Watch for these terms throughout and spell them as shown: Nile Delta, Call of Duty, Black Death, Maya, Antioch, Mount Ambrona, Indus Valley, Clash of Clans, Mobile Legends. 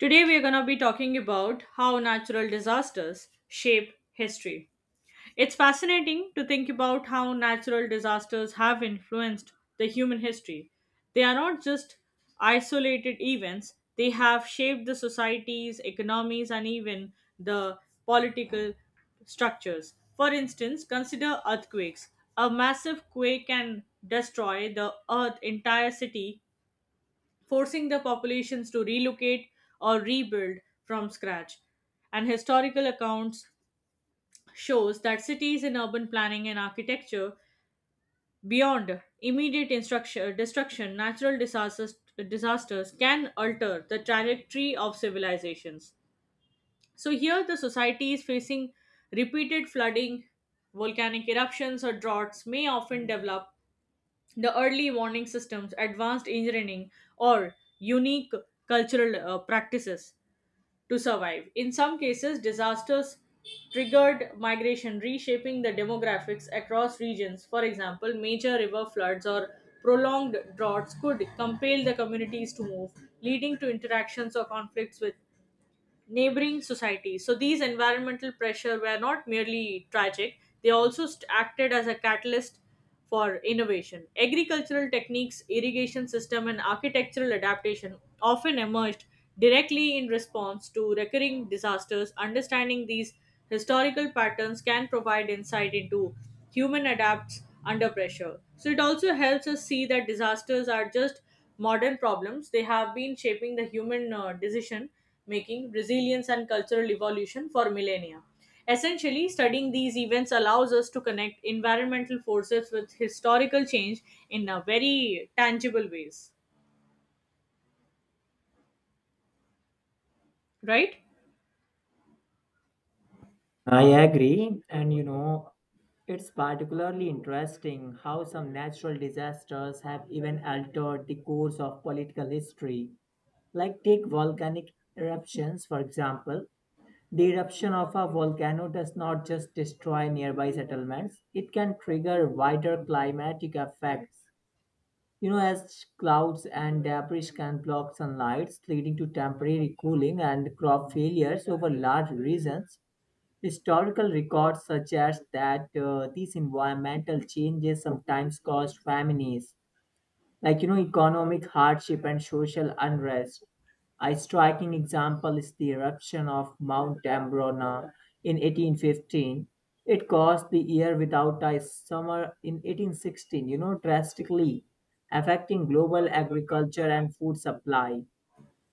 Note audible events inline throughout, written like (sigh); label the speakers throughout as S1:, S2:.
S1: Today, we are going to be talking about how natural disasters shape history. It's fascinating to think about how natural disasters have influenced the human history. They are not just isolated events, they have shaped the societies, economies, and even the political structures. For instance, consider earthquakes. A massive quake can destroy the earth entire city forcing the populations to relocate or rebuild from scratch. And historical accounts shows that cities in urban planning and architecture beyond immediate instruction, destruction, natural disasters, disasters can alter the trajectory of civilizations. So here the society is facing repeated flooding, volcanic eruptions or droughts may often develop the early warning systems, advanced engineering, or unique cultural practices to survive. In some cases, disasters triggered migration, reshaping the demographics across regions. For example, major river floods or prolonged droughts could compel the communities to move, leading to interactions or conflicts with neighboring societies. So these environmental pressure were not merely tragic; they also acted as a catalyst for innovation. Agricultural techniques, irrigation system, and architectural adaptation often emerged directly in response to recurring disasters. Understanding these historical patterns can provide insight into human adapts under pressure. So it also helps us see that disasters are just modern problems. They have been shaping the human decision making, resilience, and cultural evolution for millennia. Essentially, studying these events allows us to connect environmental forces with historical change in a very tangible ways, right?
S2: I agree, and you know, it's particularly interesting how some natural disasters have even altered the course of political history. Like, take volcanic eruptions, for example. The eruption of a volcano does not just destroy nearby settlements, it can trigger wider climatic effects. You know, as clouds and debris can block sunlight, leading to temporary cooling and crop failures over large regions. Historical records suggest that these environmental changes sometimes caused famines, like you know, economic hardship and social unrest. A striking example is the eruption of Mount Ambrona in 1815. It caused the year without a summer in 1816, you know, drastically affecting global agriculture and food supply.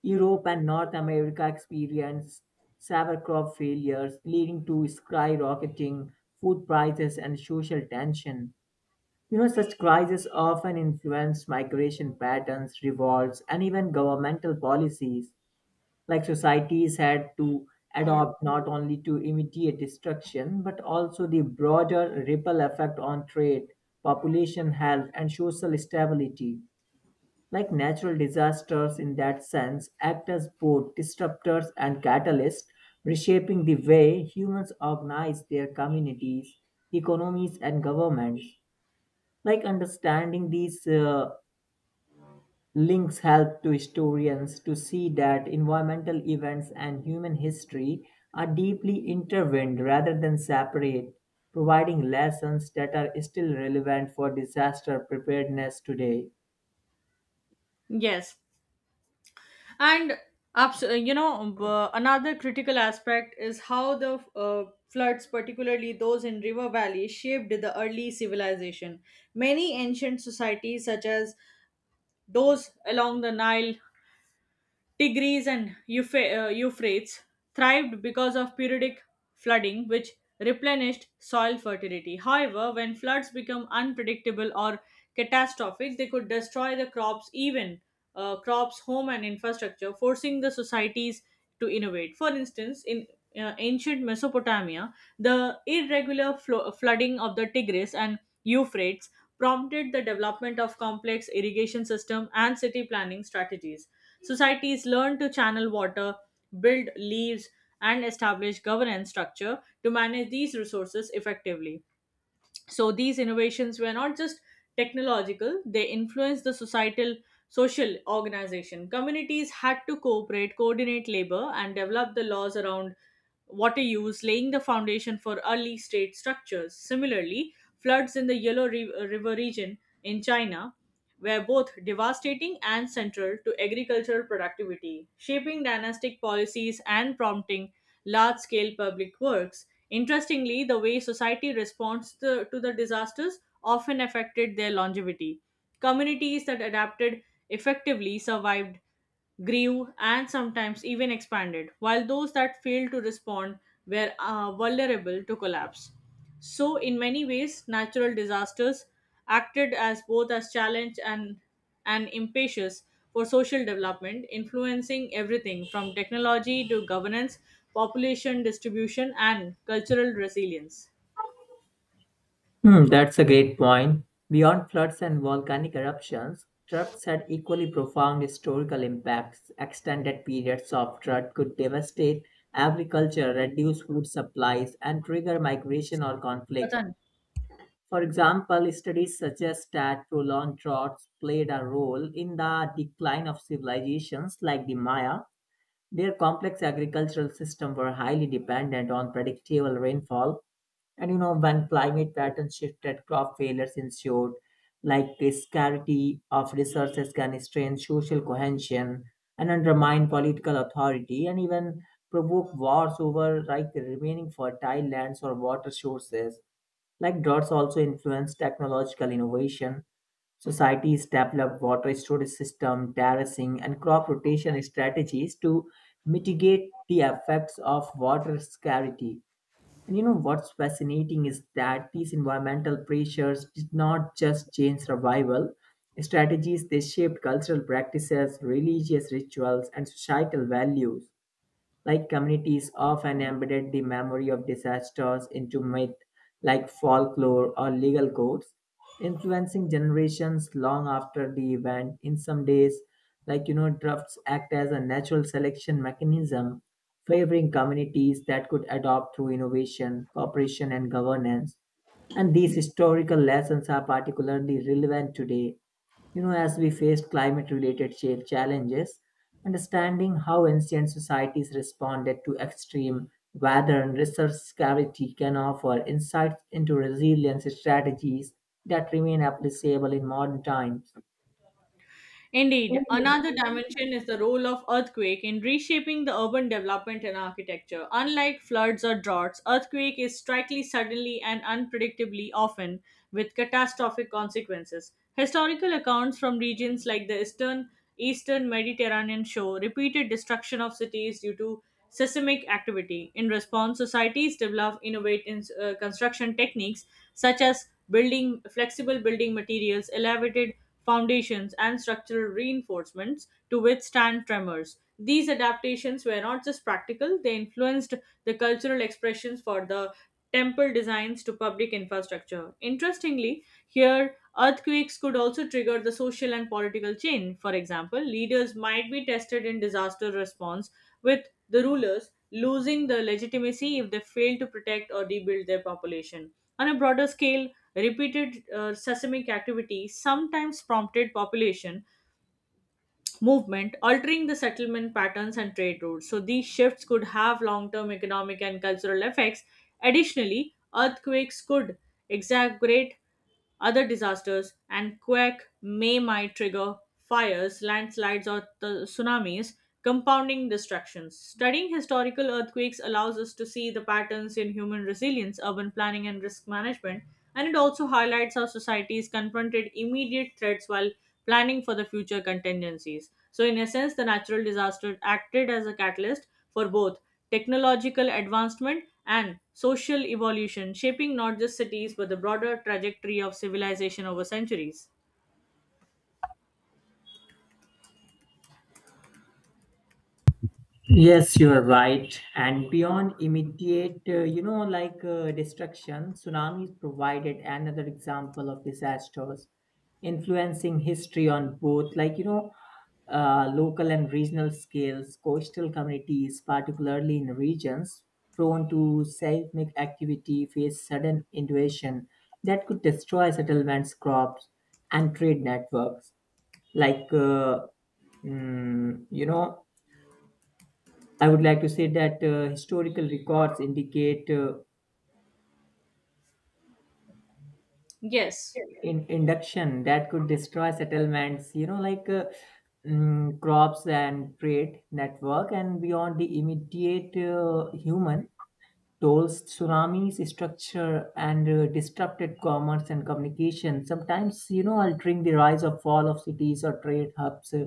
S2: Europe and North America experienced severe crop failures, leading to skyrocketing food prices and social tension. You know, such crises often influence migration patterns, revolts, and even governmental policies. Like societies had to adopt not only to immediate destruction, but also the broader ripple effect on trade, population health, and social stability. Like natural disasters in that sense act as both disruptors and catalysts, reshaping the way humans organize their communities, economies, and governments. Like understanding these links help to historians to see that environmental events and human history are deeply intertwined rather than separate, providing lessons that are still relevant for disaster preparedness today.
S1: Yes. And abs- you know, another critical aspect is how the floods, particularly those in river valleys, shaped the early civilization. Many ancient societies, such as those along the Nile Tigris and Euphrates thrived because of periodic flooding, which replenished soil fertility. However, when floods become unpredictable or catastrophic, they could destroy the crops, even crops, home, and infrastructure, forcing the societies to innovate. For instance, in ancient Mesopotamia, the irregular flooding of the Tigris and Euphrates prompted the development of complex irrigation system and city planning strategies. Societies learn to channel water, build leaves, and establish governance structure to manage these resources effectively. So these innovations were not just technological, they influenced the societal social organization. Communities had to cooperate, coordinate labor, and develop the laws around water use, laying the foundation for early state structures. Similarly, floods in the Yellow River region in China were both devastating and central to agricultural productivity, shaping dynastic policies and prompting large scale public works. Interestingly, the way society responds to the disasters often affected their longevity. Communities that adapted effectively survived, grew, and sometimes even expanded, while those that failed to respond were vulnerable to collapse. So, in many ways, natural disasters acted as both as challenge and an impetus for social development, influencing everything from technology to governance, population distribution, and cultural resilience.
S2: Hmm, that's a great point. Beyond floods and volcanic eruptions, droughts had equally profound historical impacts. Extended periods of drought could devastate agriculture, reduce food supplies, and trigger migration or conflict.
S1: पता
S2: For example, studies suggest that prolonged droughts played a role in the decline of civilizations like the Maya, their complex agricultural system were highly dependent on predictable rainfall. And you know, when climate patterns shifted, crop failures ensued, like the scarcity of resources can strain social cohesion and undermine political authority and even provoke wars over like the remaining fertile lands or water sources. Like droughts also influence technological innovation. Societies develop water storage systems, terracing, and crop rotation strategies to mitigate the effects of water scarcity. And you know what's fascinating is that these environmental pressures did not just change survival strategies, they shaped cultural practices, religious rituals, and societal values. Like communities often embedded the memory of disasters into myth, like folklore or legal codes, influencing generations long after the event. In some days, like you know, drafts act as a natural selection mechanism, favoring communities that could adopt through innovation, cooperation, and governance. And these historical lessons are particularly relevant today, you know, as we face climate related challenges, understanding how ancient societies responded to extreme weather and resource scarcity can offer insights into resilience strategies that remain applicable in modern times.
S1: Indeed, another dimension is the role of earthquake in reshaping the urban development and architecture. Unlike floods or droughts, earthquake is strikingly suddenly and unpredictably often with catastrophic consequences. Historical accounts from regions like the eastern Mediterranean show repeated destruction of cities due to seismic activity. In response, societies develop innovative construction techniques such as building flexible building materials, elevated foundations, and structural reinforcements to withstand tremors. These adaptations were not just practical, they influenced the cultural expressions for the temple designs to public infrastructure. Interestingly, here earthquakes could also trigger the social and political change. For example, leaders might be tested in disaster response, with the rulers losing the legitimacy if they fail to protect or rebuild their population. On a broader scale, repeated seismic activity sometimes prompted population movement, altering the settlement patterns and trade routes. So, these shifts could have long term economic and cultural effects. Additionally, earthquakes could exacerbate other disasters, and quake may might trigger fires, landslides, or the tsunamis, compounding destructions. Studying historical earthquakes allows us to see the patterns in human resilience, urban planning, and risk management, and it also highlights how societies confronted immediate threats while planning for the future contingencies. So, in essence, the natural disaster acted as a catalyst for both technological advancement and social evolution, shaping not just cities but the broader trajectory of civilization over centuries.
S2: Yes, you are right. And beyond immediate, you know, destruction, tsunamis provided another example of disasters influencing history on both, like, you know, local and regional scales, coastal communities, particularly in regions prone to seismic activity, face sudden invasion that could destroy settlements, crops, and trade networks. Like, uh, you know, I would like to say that historical records indicate
S1: Yes.
S2: in induction that could destroy settlements, you know, crops and trade network, and beyond the immediate human tolls, tsunamis, structure, and disrupted commerce and communication, sometimes, you know, altering the rise or fall of cities or trade hubs.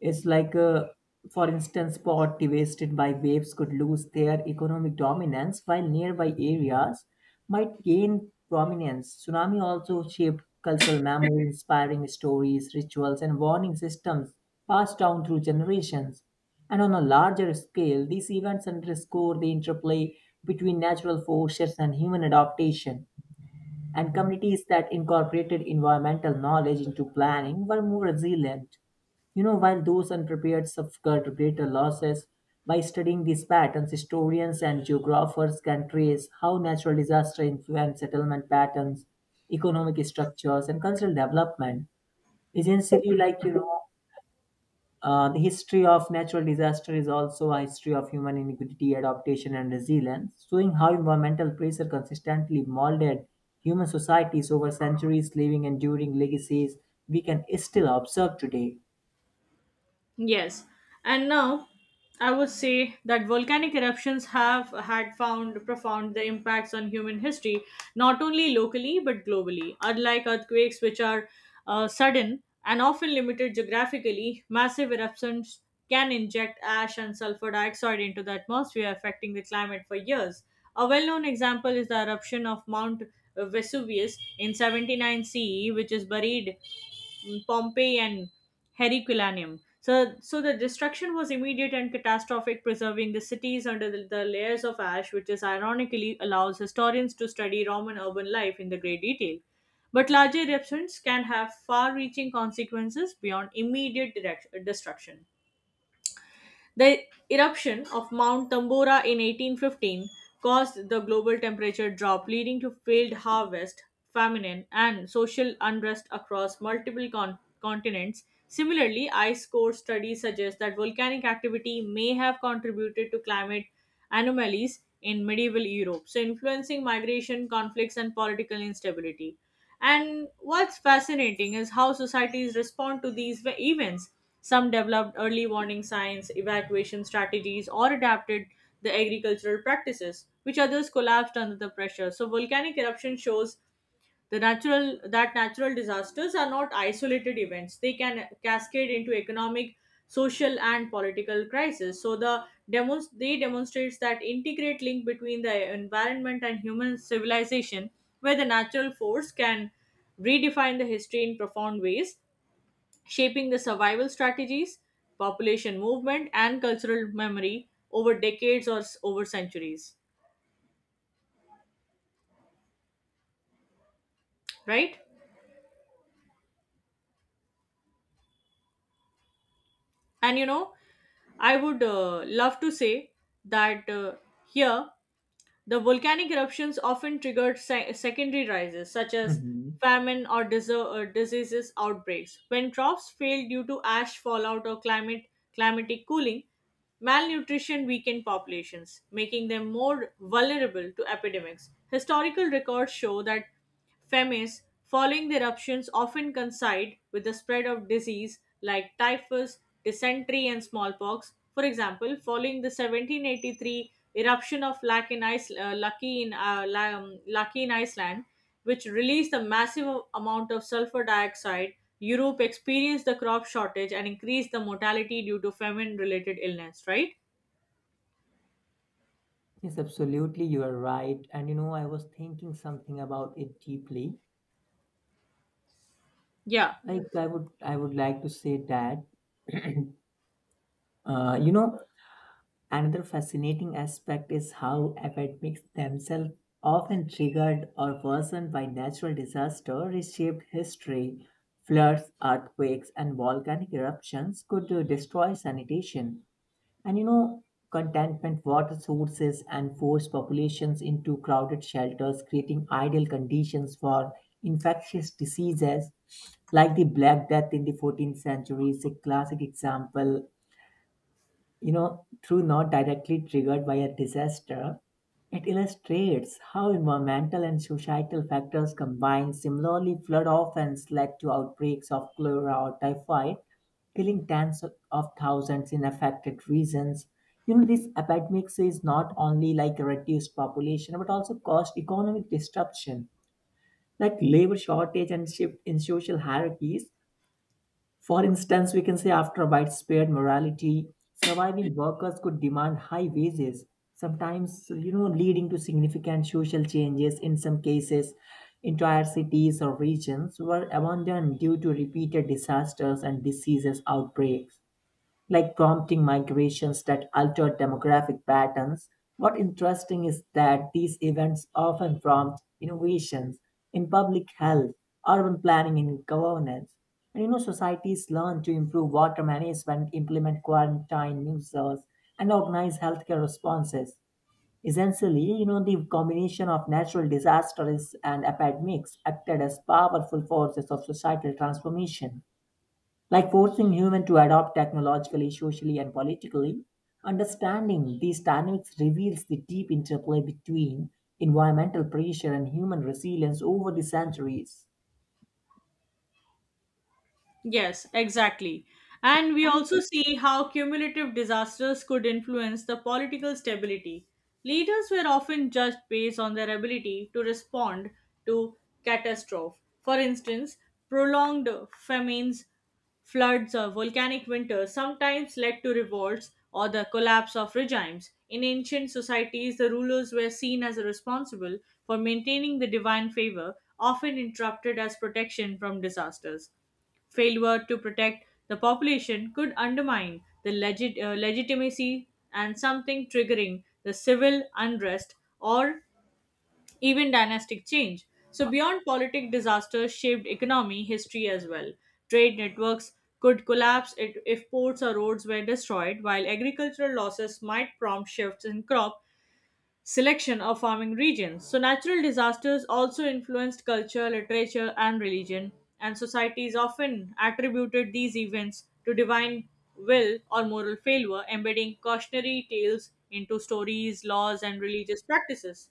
S2: It's like, for instance, spot devastated by waves could lose their economic dominance while nearby areas might gain prominence. Tsunami also shaped cultural memory, inspiring stories, rituals, and warning systems passed down through generations. And on a larger scale, these events underscore the interplay between natural forces and human adaptation and communities that incorporated environmental knowledge into planning were more resilient. You know, while those unprepared suffered greater losses, by studying these patterns, historians and geographers can trace how natural disaster influence settlement patterns, economic structures, and cultural development. Essentially, like you know, the history of natural disaster is also a history of human iniquity, adaptation, and resilience, showing how environmental pressure consistently molded human societies over centuries, leaving enduring legacies we can still observe today.
S1: Yes. And now I would say that volcanic eruptions have had found profound the impacts on human history, not only locally but globally. Unlike earthquakes, which are sudden and often limited geographically, massive eruptions can inject ash and sulfur dioxide into the atmosphere, affecting the climate for years. A well known example is the eruption of Mount Vesuvius in 79 CE, which is buried Pompeii and Herculaneum. So, the destruction was immediate and catastrophic, preserving the cities under the layers of ash, which is ironically allows historians to study Roman urban life in the great detail. But larger eruptions can have far-reaching consequences beyond immediate destruction. The eruption of Mount Tambora in 1815 caused the global temperature drop, leading to failed harvest, famine, and social unrest across multiple continents. Similarly, ice core studies suggest that volcanic activity may have contributed to climate anomalies in medieval Europe, so influencing migration, conflicts, and political instability. And what's fascinating is how societies respond to these events. Some developed early warning signs, evacuation strategies, or adapted the agricultural practices, which others collapsed under the pressure. So, volcanic eruption shows the natural that natural disasters are not isolated events. They can cascade into economic, social, and political crises. So they demonstrates that integrate link between the environment and human civilization, where the natural force can redefine the history in profound ways, shaping the survival strategies, population movement, and cultural memory over decades or over centuries. Right? And you know, I would love to say that here the volcanic eruptions often triggered secondary rises such as
S2: Hmm.
S1: famine or diseases outbreaks. When crops fail due to ash fallout or climate climatic cooling, malnutrition weakened populations, making them more vulnerable to epidemics. Historical records show that famines following the eruptions often coincide with the spread of disease like typhus, dysentery, and smallpox. For example, following the 1783 eruption of Laki in, Ice- Laki in, Laki in Iceland, which released a massive amount of sulfur dioxide, Europe experienced the crop shortage and increased the mortality due to famine related illness, right?
S2: Yes, absolutely, you are right. And you know, I was thinking something about it deeply.
S1: Yeah.
S2: I would like to say that, (clears throat) you know, another fascinating aspect is how epidemics themselves, often triggered or worsened by natural disaster, reshaped history. Floods, earthquakes, and volcanic eruptions could destroy sanitation. And you know, contentment, water sources, and forced populations into crowded shelters, creating ideal conditions for infectious diseases like the Black Death in the 14th century is a classic example, you know, through not directly triggered by a disaster, it illustrates how environmental and societal factors combine. Similarly, flood often led to outbreaks of cholera or typhoid, killing tens of thousands in affected regions. You know, this epidemics is not only like a reduced population, but also caused economic disruption, like labor shortage and shift in social hierarchies for instance, we can say after widespread morality, surviving workers could demand high wages, sometimes you know leading to significant social changes in some cases. Entire cities or regions were abandoned due to repeated disasters and diseases outbreaks like prompting migrations that alter demographic patterns. What interesting is that these events often prompt innovations in public health, urban planning, and governance. And you know, societies learn to improve water management, implement quarantine measures, and organize healthcare responses. Essentially, you know, the combination of natural disasters and epidemics acted as powerful forces of societal transformation. Like forcing humans to adopt technologically, socially, and politically, understanding these dynamics reveals the deep interplay between environmental pressure and human resilience over the centuries.
S1: Yes, exactly. And we also see how cumulative disasters could influence the political stability. Leaders were often judged based on their ability to respond to catastrophe. For instance, prolonged famines, floods, or volcanic winters sometimes led to revolts or the collapse of regimes. In ancient societies, the rulers were seen as responsible for maintaining the divine favor, often interrupted as protection from disasters. Failure to protect the population could undermine the legitimacy and something triggering the civil unrest or even dynastic change. So, beyond politic disasters shaped economy history as well. Trade networks could collapse if ports or roads were destroyed, while agricultural losses might prompt shifts in crop selection of farming regions. So, natural disasters also influenced culture, literature, and religion, and societies often attributed these events to divine will or moral failure, embedding cautionary tales into stories, laws, and religious practices.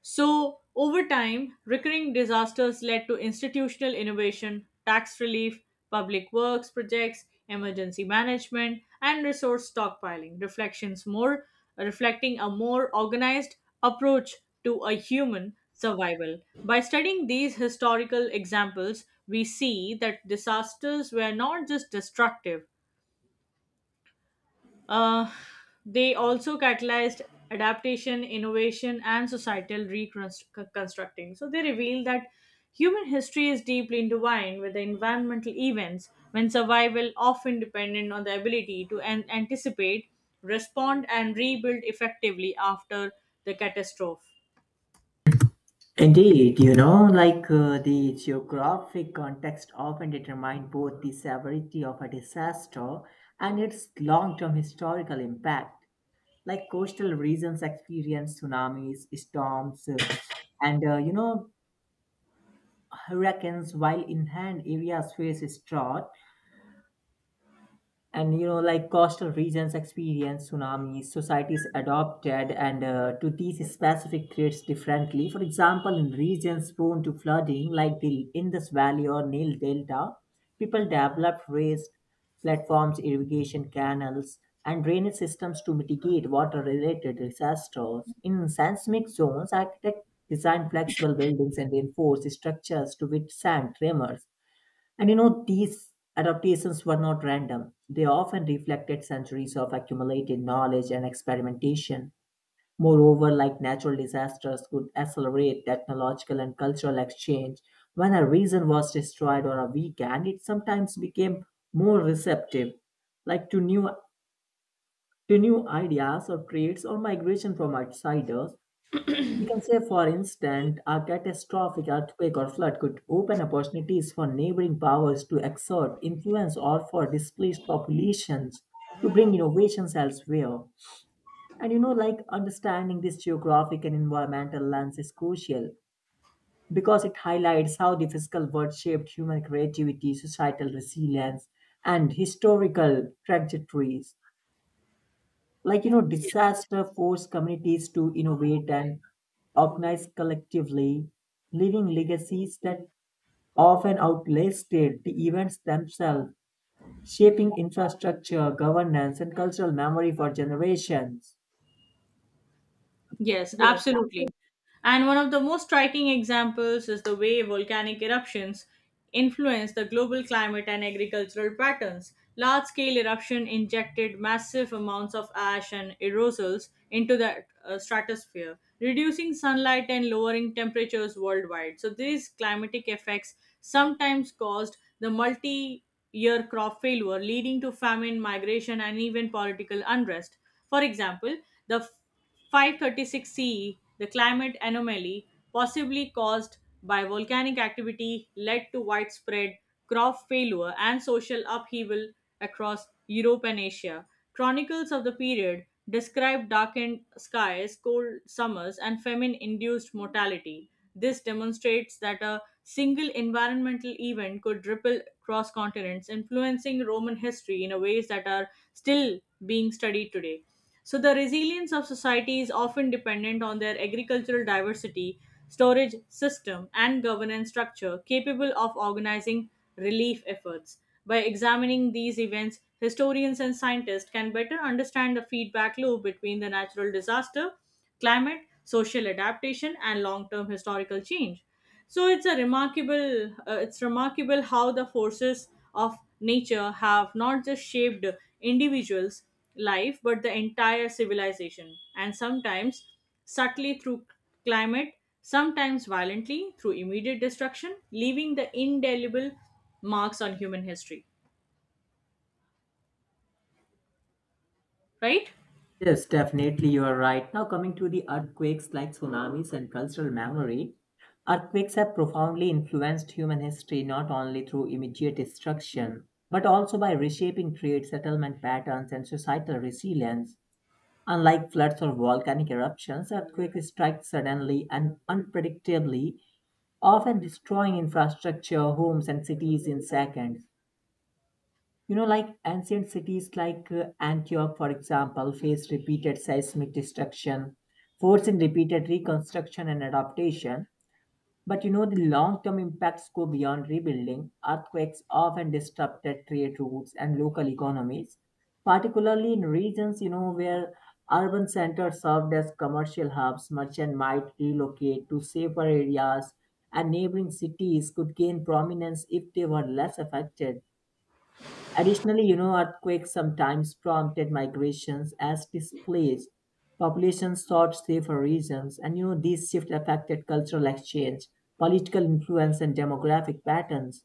S1: So, over time, recurring disasters led to institutional innovation, tax relief, public works projects, emergency management, and resource stockpiling, reflections more reflecting a more organized approach to a human survival. By studying these historical examples, we see that disasters were not just destructive, uh, they also catalyzed adaptation, innovation, and societal reconstructing. So they reveal that human history is deeply intertwined with the environmental events, when survival often dependent on the ability to anticipate, respond, and rebuild effectively after the catastrophe.
S2: Indeed, you know, the geographic context often determines both the severity of a disaster and its long term historical impact. Like coastal regions experience tsunamis, storms, and you know, hurricanes, while inland areas face drought, and you know, like coastal regions experience tsunamis, societies adopted and to these specific threats differently. For example, in regions prone to flooding, like the Indus Valley or Nile Delta, people developed raised platforms, irrigation canals, and drainage systems to mitigate water-related disasters. In seismic zones, architects design flexible buildings and reinforce structures to withstand tremors. And you know, these adaptations were not random. They often reflected centuries of accumulated knowledge and experimentation. Moreover, like natural disasters could accelerate technological and cultural exchange, when a region was destroyed or a weakened, it sometimes became more receptive, like to new ideas or traits or migration from outsiders. You can say, for instance, a catastrophic earthquake or flood could open opportunities for neighboring powers to exert influence or for displaced populations to bring innovations elsewhere. And you know, like understanding this geographic and environmental lens is crucial because it highlights how the physical world shaped human creativity, societal resilience, and historical trajectories. Like, you know,
S1: Yes.
S2: disaster forced communities to innovate and organized collectively, leaving legacies that often outlasted the events themselves, shaping infrastructure, governance, and cultural memory for generations.
S1: Yes,
S2: Yes.
S1: absolutely. And one of the most striking examples is the way volcanic eruptions influence the global climate and agricultural patterns. Large scale eruption injected massive amounts of ash and aerosols into the stratosphere, reducing sunlight and lowering temperatures worldwide. So, these climatic effects sometimes caused the multi year crop failure, leading to famine, migration, and even political unrest. For example, the 536 CE, the climate anomaly, possibly caused by volcanic activity, led to widespread crop failure and social upheaval across Europe and Asia. Chronicles of the period describe darkened skies, cold summers, and famine induced mortality. This demonstrates that a single environmental event could ripple across continents, influencing Roman history in a ways that are still being studied today. So, the resilience of society is often dependent on their agricultural diversity, storage system, and governance structure capable of organizing relief efforts. By examining these events, historians and scientists can better understand the feedback loop between the natural disaster, climate, social adaptation, and long term historical change. So it's remarkable how the forces of nature have not just shaped individuals' life but the entire civilization, and sometimes subtly through climate, sometimes violently through immediate destruction, leaving the indelible marks on human history. Right?
S2: Yes, definitely, you are right. Now, coming to the earthquakes like tsunamis and cultural memory, earthquakes have profoundly influenced human history not only through immediate destruction, but also by reshaping trade, settlement patterns, and societal resilience. Unlike floods or volcanic eruptions, earthquakes strike suddenly and unpredictably, often destroying infrastructure, homes, and cities in seconds. You know, like ancient cities like Antioch, for example, faced repeated seismic destruction, forcing repeated reconstruction and adaptation. But you know, the long term impacts go beyond rebuilding. Earthquakes often disrupted trade routes and local economies, particularly in regions, you know, where urban centers served as commercial hubs. Merchants might relocate to safer areas, and neighboring cities could gain prominence if they were less affected. Additionally, you know, earthquakes sometimes prompted migrations as displaced populations sought safer regions, and you know, these shifts affected cultural exchange, political influence, and demographic patterns.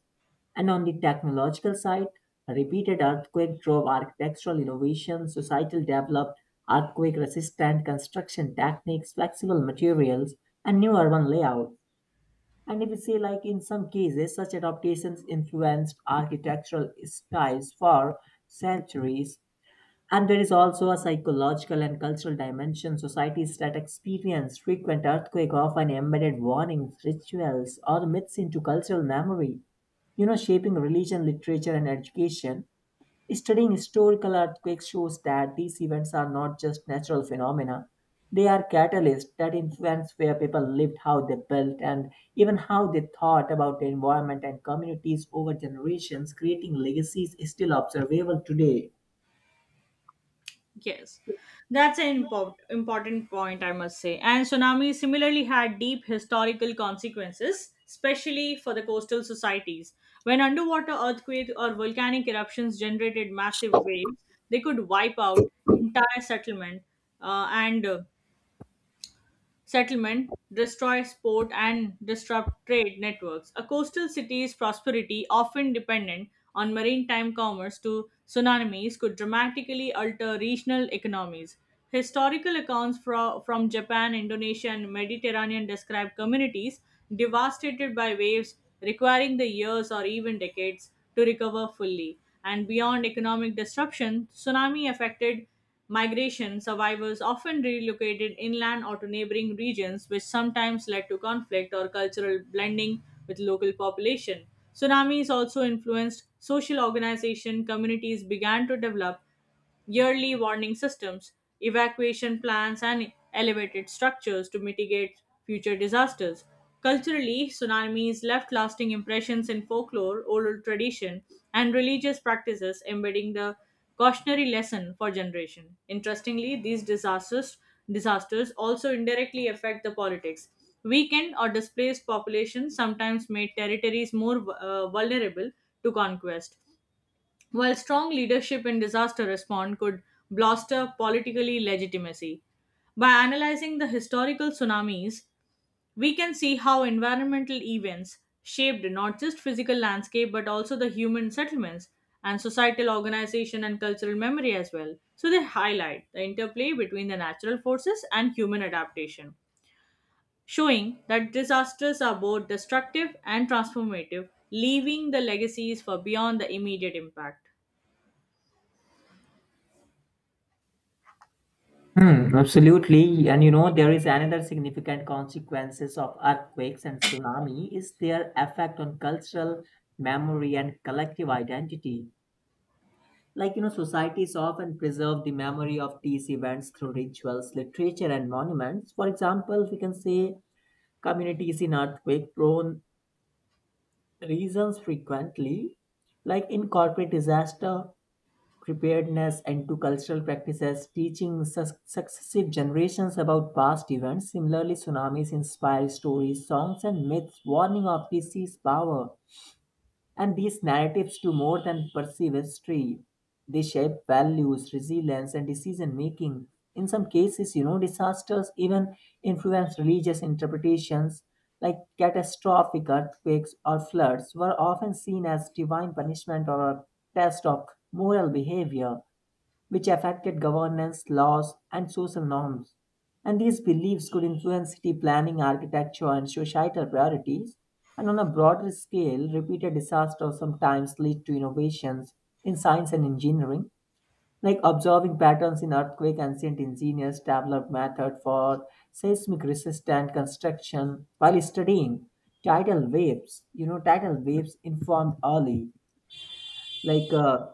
S2: And on the technological side, a repeated earthquake drove architectural innovation, societal developed earthquake resistant construction techniques, flexible materials, and new urban layout. And if you see, like in some cases, such adaptations influenced architectural styles for centuries. And there is also a psychological and cultural dimension. Societies that experience frequent earthquake often embedded warnings, rituals, or myths into cultural memory. You know, shaping religion, literature, and education. Studying historical earthquakes shows that these events are not just natural phenomena. They are catalysts that influence where people lived, how they built, and even how they thought about the environment and communities over generations, creating legacies still observable today.
S1: Yes, that's an import, important point, I must say. And tsunami similarly had deep historical consequences, especially for the coastal societies. When underwater earthquake or volcanic eruptions generated massive waves, they could wipe out entire settlement and settlement, destroy port and disrupt trade networks. A coastal city's prosperity, often dependent on maritime commerce to tsunamis, could dramatically alter regional economies. Historical accounts from Japan, Indonesia, and Mediterranean describe communities devastated by waves, requiring the years or even decades to recover fully. And beyond economic disruption, tsunami affected migration survivors often relocated inland or to neighboring regions, which sometimes led to conflict or cultural blending with local population. Tsunamis also influenced social organization. Communities began to develop yearly warning systems, evacuation plans, and elevated structures to mitigate future disasters. Culturally, tsunamis left lasting impressions in folklore, oral tradition, and religious practices, embedding the cautionary lesson for generation. Interestingly, these disasters also indirectly affect the politics. Weakened or displaced populations sometimes made territories more vulnerable to conquest, while strong leadership in disaster response could bolster politically legitimacy. By analyzing the historical tsunamis, we can see how environmental events shaped not just physical landscape but also the human settlements and societal organization and cultural memory as well. So they highlight the interplay between the natural forces and human adaptation, showing that disasters are both destructive and transformative, leaving the legacies for beyond the immediate impact.
S2: Hmm, absolutely. And you know, there is another significant consequences of earthquakes and tsunami is their effect on cultural memory and collective identity. Like, you know, societies often preserve the memory of these events through rituals, literature, and monuments. For example, we can say communities in earthquake prone regions frequently, like incorporate disaster preparedness into cultural practices, teaching successive generations about past events. Similarly, tsunamis inspire stories, songs, and myths warning of disease power and these narratives do more than perceive history. They shape values, resilience, and decision making. In some cases, you know, disasters even influence religious interpretations, like catastrophic earthquakes or floods were often seen as divine punishment or a test of moral behavior which affected governance, laws, and social norms. And these beliefs could influence city planning, architecture, and societal priorities. And on a broader scale, repeated disasters sometimes lead to innovations in science and engineering, like observing patterns in earthquake. Ancient engineers developed methods for seismic-resistant construction while studying tidal waves. You know, tidal waves informed early, like uh,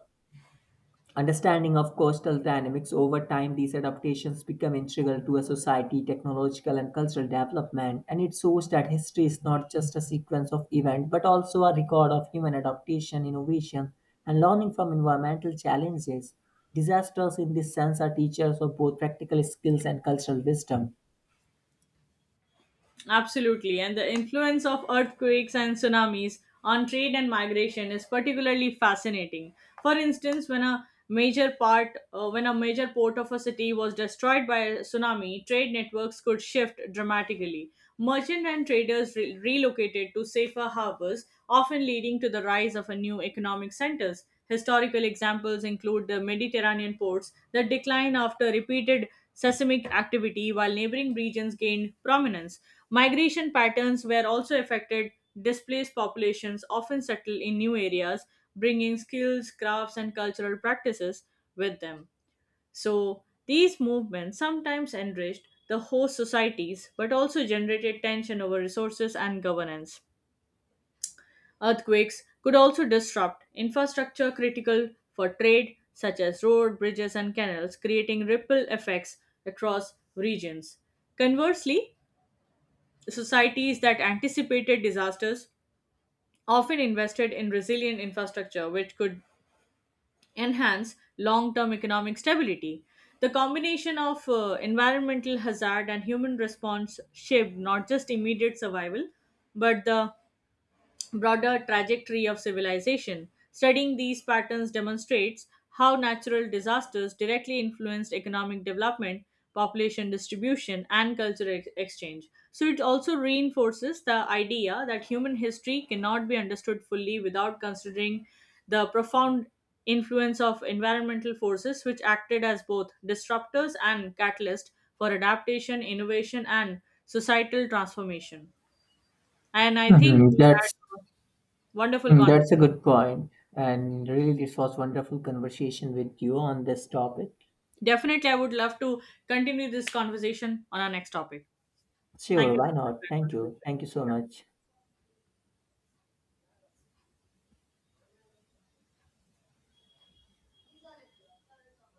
S2: understanding of coastal dynamics over time, these adaptations become integral to a society, technological and cultural development, and it shows that history is not just a sequence of events but also a record of human adaptation, innovation, and learning from environmental challenges. Disasters, in this sense, are teachers of both practical skills and cultural wisdom.
S1: Absolutely. And the influence of earthquakes and tsunamis on trade and migration is particularly fascinating. For instance, when a major port of a city was destroyed by a tsunami, trade networks could shift dramatically. Merchant and traders relocated to safer harbors, often leading to the rise of a new economic centers. Historical examples include the Mediterranean ports that declined after repeated seismic activity while neighboring regions gained prominence. Migration patterns were also affected. Displaced populations often settle in new areas, bringing skills, crafts, and cultural practices with them. So, these movements sometimes enriched the host societies but also generated tension over resources and governance. Earthquakes could also disrupt infrastructure critical for trade, such as roads, bridges, and canals, creating ripple effects across regions. Conversely, societies that anticipated disasters often invested in resilient infrastructure, which could enhance long term economic stability. The combination of environmental hazard and human response shaped not just immediate survival, but the broader trajectory of civilization. Studying these patterns demonstrates how natural disasters directly influenced economic development, population distribution, and cultural exchange. So, it also reinforces the idea that human history cannot be understood fully without considering the profound influence of environmental forces, which acted as both disruptors and catalysts for adaptation, innovation, and societal transformation. And I think
S2: Mhm.
S1: we had wonderful conversation.
S2: That's a good point, and really, this was wonderful conversation with you on this topic.
S1: Definitely, I would love to continue this conversation on our next topic. Thank
S2: Sure,
S1: you
S2: why
S1: so much for
S2: not?
S1: your contribution.
S2: Thank you so
S1: Yeah.
S2: much.